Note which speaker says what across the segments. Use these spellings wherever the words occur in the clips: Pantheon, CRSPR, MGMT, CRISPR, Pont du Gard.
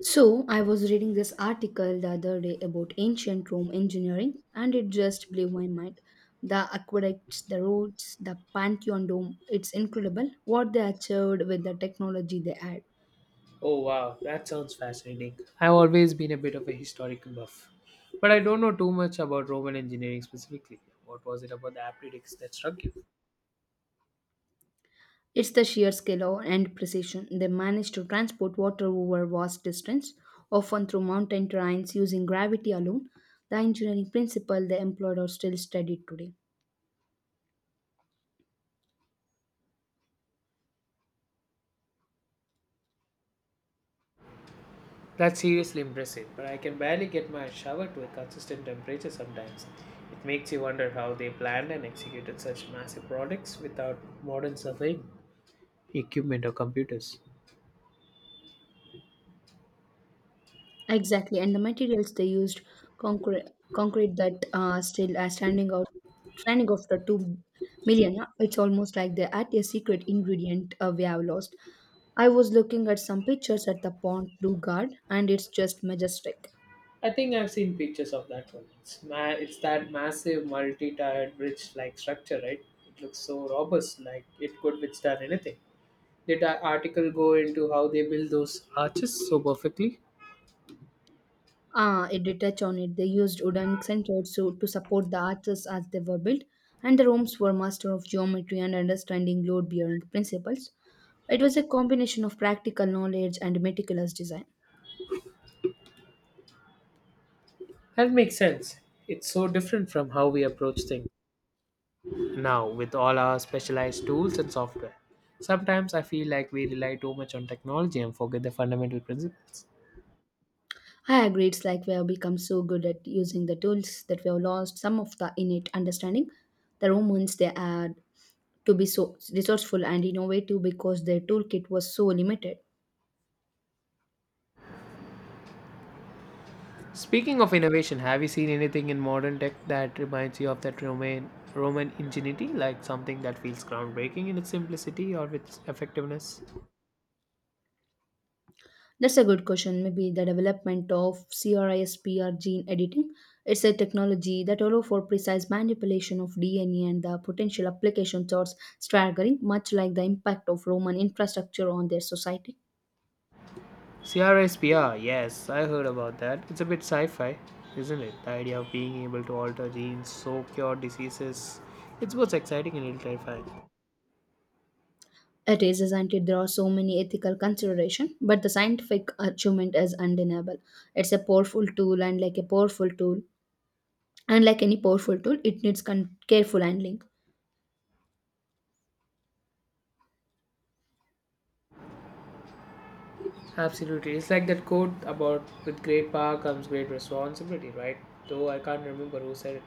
Speaker 1: So, I was reading this article the other day about ancient Rome engineering, and it just blew my mind. The aqueducts, the roads, the Pantheon Dome, it's incredible what they achieved with the technology they had.
Speaker 2: Oh wow, that sounds fascinating. I've always been a bit of a historical buff, but I don't know too much about Roman engineering specifically. What was it about the Aptidics that struck you?
Speaker 1: It's the sheer scale and precision. They managed to transport water over vast distance, often through mountain terrains using gravity alone. The engineering principle they employed are still studied today.
Speaker 2: That's seriously impressive, but I can barely get my shower to a consistent temperature sometimes. It makes you wonder how they planned and executed such massive projects without modern surveying equipment or computers.
Speaker 1: Exactly, and the materials they used concrete concrete that still are standing after 2 million. It's almost like they add a secret ingredient we have lost. I was looking at some pictures at the Pont du Gard, and it's just majestic.
Speaker 2: I think I've seen pictures of that one. It's, it's that massive multi-tiered bridge-like structure, right? It looks so robust, like it could withstand anything. Did that article go into how they build those arches so perfectly?
Speaker 1: Ah, it did touch on it. They used wooden centers to support the arches as they were built, and the rooms were master of geometry and understanding load-bearing principles. It was a combination of practical knowledge and meticulous design.
Speaker 2: That makes sense. It's so different from how we approach things now with all our specialized tools and software. Sometimes I feel like we rely too much on technology and forget the fundamental principles.
Speaker 1: I agree. It's like we have become so good at using the tools that we have lost some of the innate understanding. The Romans, they had to be so resourceful and innovative because their toolkit was so limited.
Speaker 2: Speaking of innovation, have you seen anything in modern tech that reminds you of that Roman ingenuity, like something that feels groundbreaking in its simplicity or its effectiveness?
Speaker 1: That's a good question. Maybe the development of CRISPR gene editing. It's a technology that allows for precise manipulation of DNA and the potential applications are staggering, much like the impact of Roman infrastructure on their society.
Speaker 2: CRSPR, yes, I heard about that. It's a bit sci-fi, isn't it? The idea of being able to alter genes, so cure diseases. It's both exciting and a little terrifying.
Speaker 1: It is, isn't it? There are so many ethical consideration, but the scientific achievement is undeniable. It's a powerful tool, and like a powerful tool, And like any powerful tool, it needs careful handling.
Speaker 2: Absolutely. It's like that quote about with great power comes great responsibility, right? Though I can't remember who said it.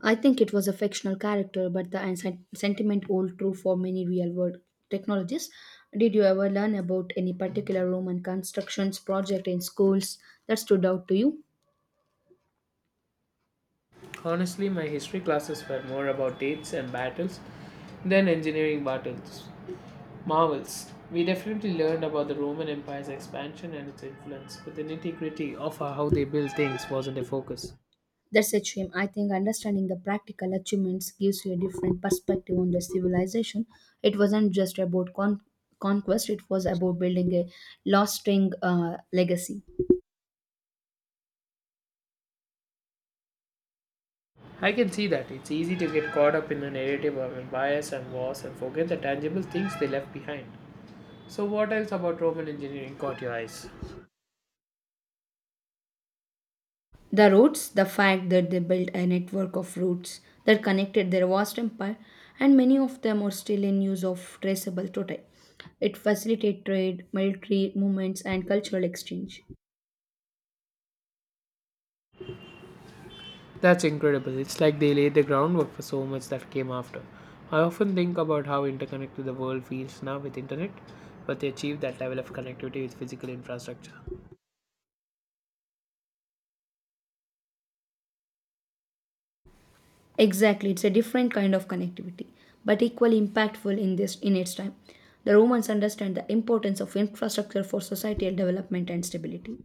Speaker 1: I think it was a fictional character, but the sentiment holds true for many real world technologies. Did you ever learn about any particular Roman constructions project in schools that stood out to you?
Speaker 2: Honestly, my history classes were more about dates and battles then engineering battles, marvels. We definitely learned about the Roman Empire's expansion and its influence, but the nitty gritty of how they built things wasn't a focus.
Speaker 1: That's a shame. I think understanding the practical achievements gives you a different perspective on the civilization. It wasn't just about conquest, it was about building a lasting legacy.
Speaker 2: I can see that it's easy to get caught up in the narrative of empires and wars and forget the tangible things they left behind. So, what else about Roman engineering caught your eyes?
Speaker 1: The roads, the fact that they built a network of routes that connected their vast empire, and many of them are still in use of traceable today. It facilitated trade, military movements, and cultural exchange.
Speaker 2: That's incredible. It's like they laid the groundwork for so much that came after. I often think about how interconnected the world feels now with internet, but they achieved that level of connectivity with physical infrastructure.
Speaker 1: Exactly, it's a different kind of connectivity, but equally impactful in this in its time. The Romans understand the importance of infrastructure for societal development and stability.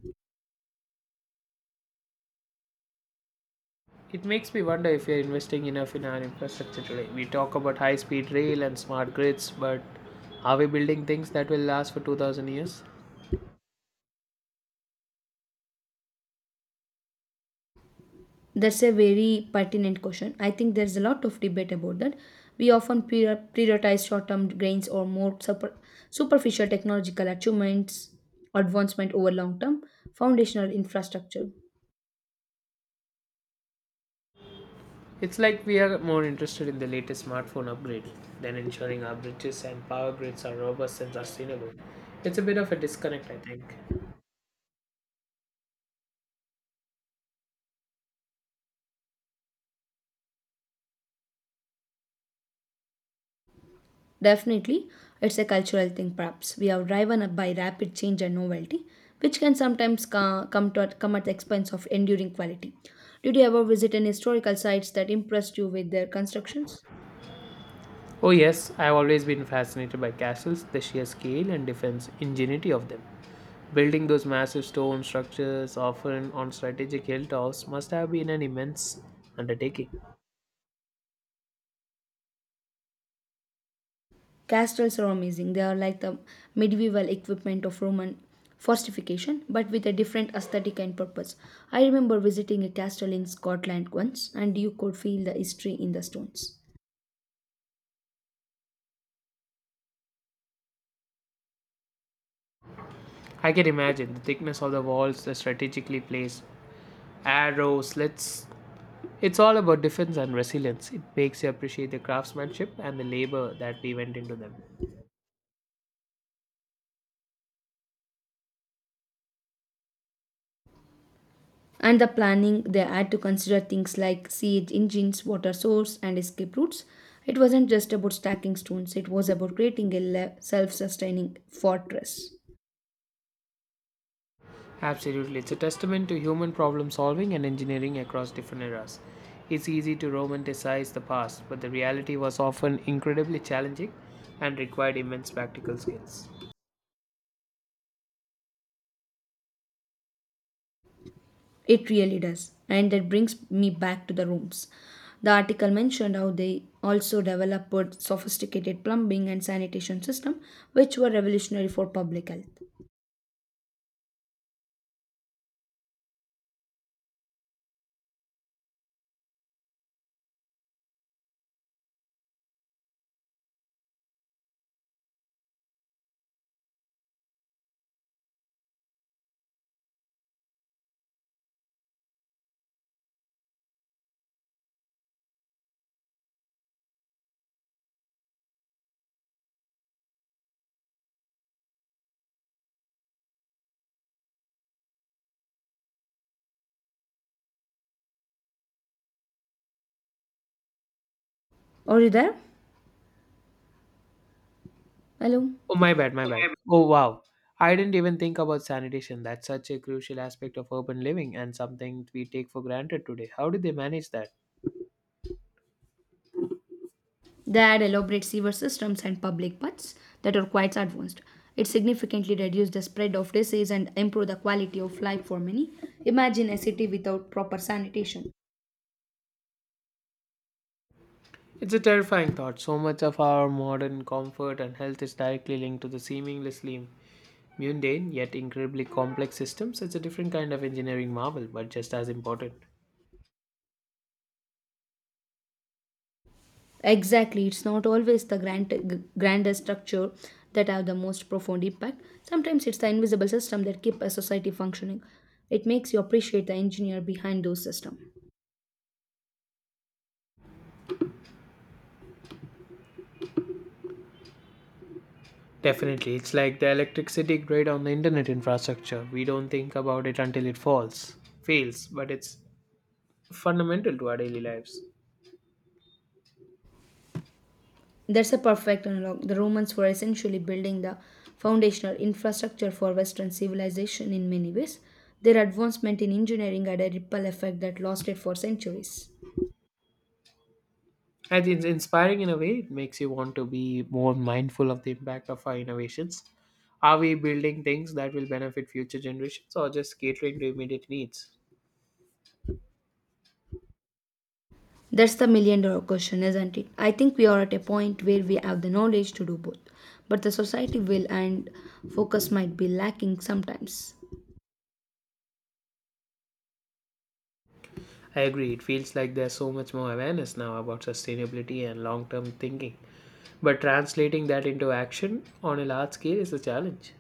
Speaker 2: It makes me wonder if we are investing enough in our infrastructure today. We talk about high speed rail and smart grids, but are we building things that will last for 2000 years?
Speaker 1: That's a very pertinent question. I think there's a lot of debate about that. We often prioritize short-term gains or more superficial technological achievements, advancement over long-term foundational infrastructure.
Speaker 2: It's like we are more interested in the latest smartphone upgrade than ensuring our bridges and power grids are robust and sustainable. It's a bit of a disconnect, I think.
Speaker 1: Definitely, it's a cultural thing, perhaps. We are driven up by rapid change and novelty, which can sometimes come at the expense of enduring quality. Did you ever visit any historical sites that impressed you with their constructions?
Speaker 2: Oh, yes, I've always been fascinated by castles, the sheer scale and defense ingenuity of them. Building those massive stone structures, often on strategic hilltops, must have been an immense undertaking.
Speaker 1: Castles are amazing. They are like the medieval equipment of Roman fortification, but with a different aesthetic and purpose. I remember visiting a castle in Scotland once, and you could feel the history in the stones.
Speaker 2: I can imagine the thickness of the walls, the strategically placed arrows, slits. It's all about defense and resilience. It makes you appreciate the craftsmanship and the labor that we went into them.
Speaker 1: And the planning they had to consider things like siege engines, water source, and escape routes. It wasn't just about stacking stones, it was about creating a self-sustaining fortress.
Speaker 2: Absolutely, it's a testament to human problem solving and engineering across different eras. It's easy to romanticize the past, but the reality was often incredibly challenging and required immense practical skills.
Speaker 1: It really does, and that brings me back to the rooms. The article mentioned how they also developed sophisticated plumbing and sanitation system, which were revolutionary for public health. Are you there? Hello?
Speaker 2: Oh, my bad. Oh, wow. I didn't even think about sanitation. That's such a crucial aspect of urban living and something we take for granted today. How do they manage that?
Speaker 1: They had elaborate sewer systems and public paths that are quite advanced. It significantly reduced the spread of disease and improved the quality of life for many. Imagine a city without proper sanitation.
Speaker 2: It's a terrifying thought. So much of our modern comfort and health is directly linked to the seamlessly mundane yet incredibly complex systems. It's a different kind of engineering marvel, but just as important.
Speaker 1: Exactly, it's not always the grandest structure that have the most profound impact. Sometimes it's the invisible system that keep a society functioning. It makes you appreciate the engineer behind those systems.
Speaker 2: Definitely, it's like the electricity grid on the internet infrastructure. We don't think about it until it fails, but it's fundamental to our daily lives.
Speaker 1: That's a perfect analog. The Romans were essentially building the foundational infrastructure for Western civilization in many ways. Their advancement in engineering had a ripple effect that lasted for centuries.
Speaker 2: I think it's inspiring in a way. It makes you want to be more mindful of the impact of our innovations. Are we building things that will benefit future generations or just catering to immediate needs?
Speaker 1: That's the million dollar question, isn't it? I think we are at a point where we have the knowledge to do both, but the society will and focus might be lacking sometimes.
Speaker 2: I agree. It feels like there's so much more awareness now about sustainability and long term thinking. But translating that into action on a large scale is a challenge.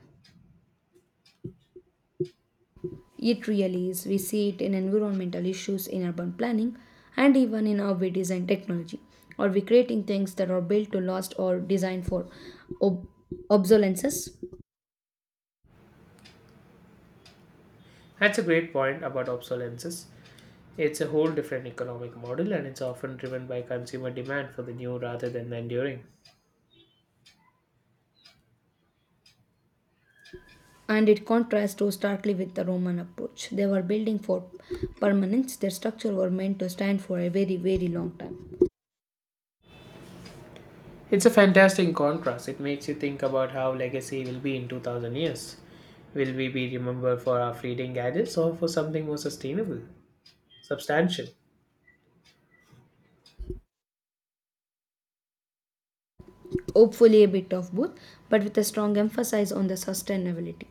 Speaker 1: It really is. We see it in environmental issues in urban planning and even in how we design technology. Are we creating things that are built to last or designed for ob- obsolescence?
Speaker 2: That's a great point about obsolescence. It's a whole different economic model and it's often driven by consumer demand for the new rather than the enduring.
Speaker 1: And it contrasts so starkly with the Roman approach. They were building for permanence, their structure were meant to stand for a very, very long time.
Speaker 2: It's a fantastic contrast. It makes you think about how legacy will be in 2000 years. Will we be remembered for our fleeting gadgets or for something more substantial?
Speaker 1: Hopefully, a bit of both, but with a strong emphasis on the sustainability.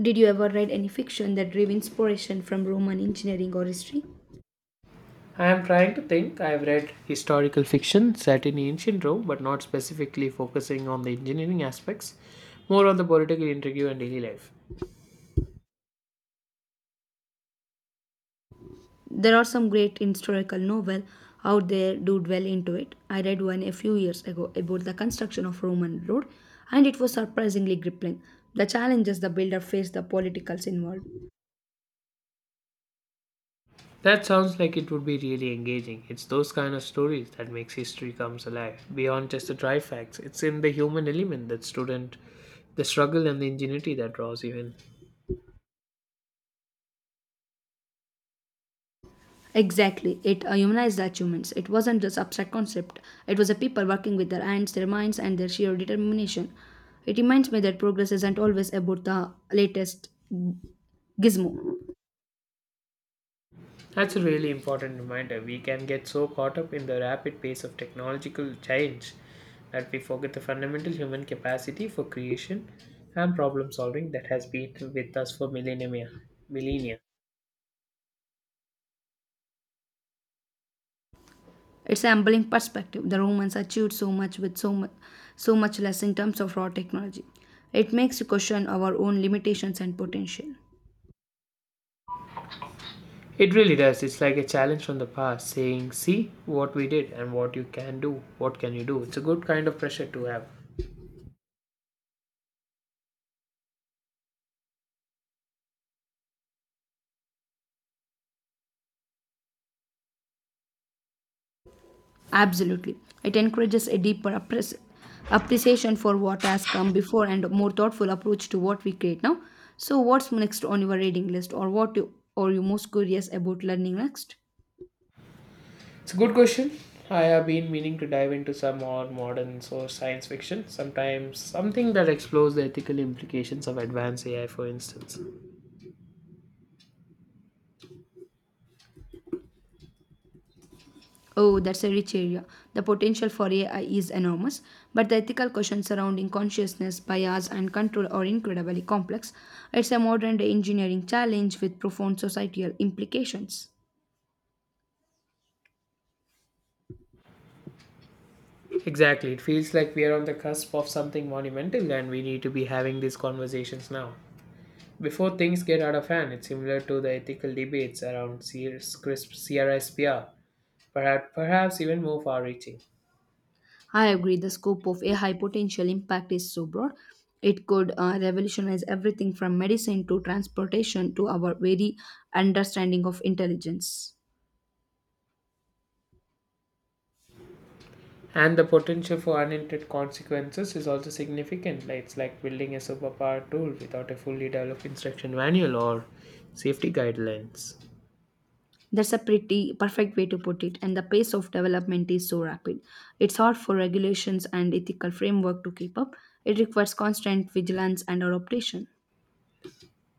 Speaker 1: Did you ever read any fiction that drew inspiration from Roman engineering or history?
Speaker 2: I am trying to think. I have read historical fiction set in ancient Rome, but not specifically focusing on the engineering aspects, more on the political intrigue and daily life.
Speaker 1: There are some great historical novel out there do dwell into it. I read one a few years ago about the construction of Roman road, and it was surprisingly gripping. The challenges the builder faced, the politicals involved.
Speaker 2: That sounds like it would be really engaging. It's those kind of stories that makes history comes alive. Beyond just the dry facts, it's in the human element that the struggle and the ingenuity that draws you in.
Speaker 1: Exactly, it humanized the achievements. It wasn't just abstract concept. It was a people working with their hands, their minds, and their sheer determination. It reminds me that progress isn't always about the latest gizmo.
Speaker 2: That's a really important reminder. We can get so caught up in the rapid pace of technological change that we forget the fundamental human capacity for creation and problem solving that has been with us for millennia.
Speaker 1: It's an humbling perspective. The Romans achieved so much with so much less in terms of raw technology. It makes you question our own limitations and potential.
Speaker 2: It really does. It's like a challenge from the past saying, see what we did and what you can do. What can you do? It's a good kind of pressure to have.
Speaker 1: Absolutely. It encourages a deeper appreciation for what has come before and a more thoughtful approach to what we create now. So, what's next on your reading list, or are you most curious about learning next?
Speaker 2: It's a good question. I have been meaning to dive into some more modern source science fiction, sometimes something that explores the ethical implications of advanced AI, for instance.
Speaker 1: Oh, that's a rich area. The potential for AI is enormous, but the ethical questions surrounding consciousness, bias, and control are incredibly complex. It's a modern day engineering challenge with profound societal implications.
Speaker 2: Exactly. It feels like we are on the cusp of something monumental and we need to be having these conversations now. Before things get out of hand, it's similar to the ethical debates around CRISPR perhaps, perhaps even more far reaching.
Speaker 1: I agree, the scope of AI potential impact is so broad. It could revolutionize everything from medicine to transportation to our very understanding of intelligence.
Speaker 2: And the potential for unintended consequences is also significant. Like it's like building a superpower tool without a fully developed instruction manual or safety guidelines.
Speaker 1: That's a pretty perfect way to put it, and the pace of development is so rapid. It's hard for regulations and ethical framework to keep up. It requires constant vigilance and adaptation.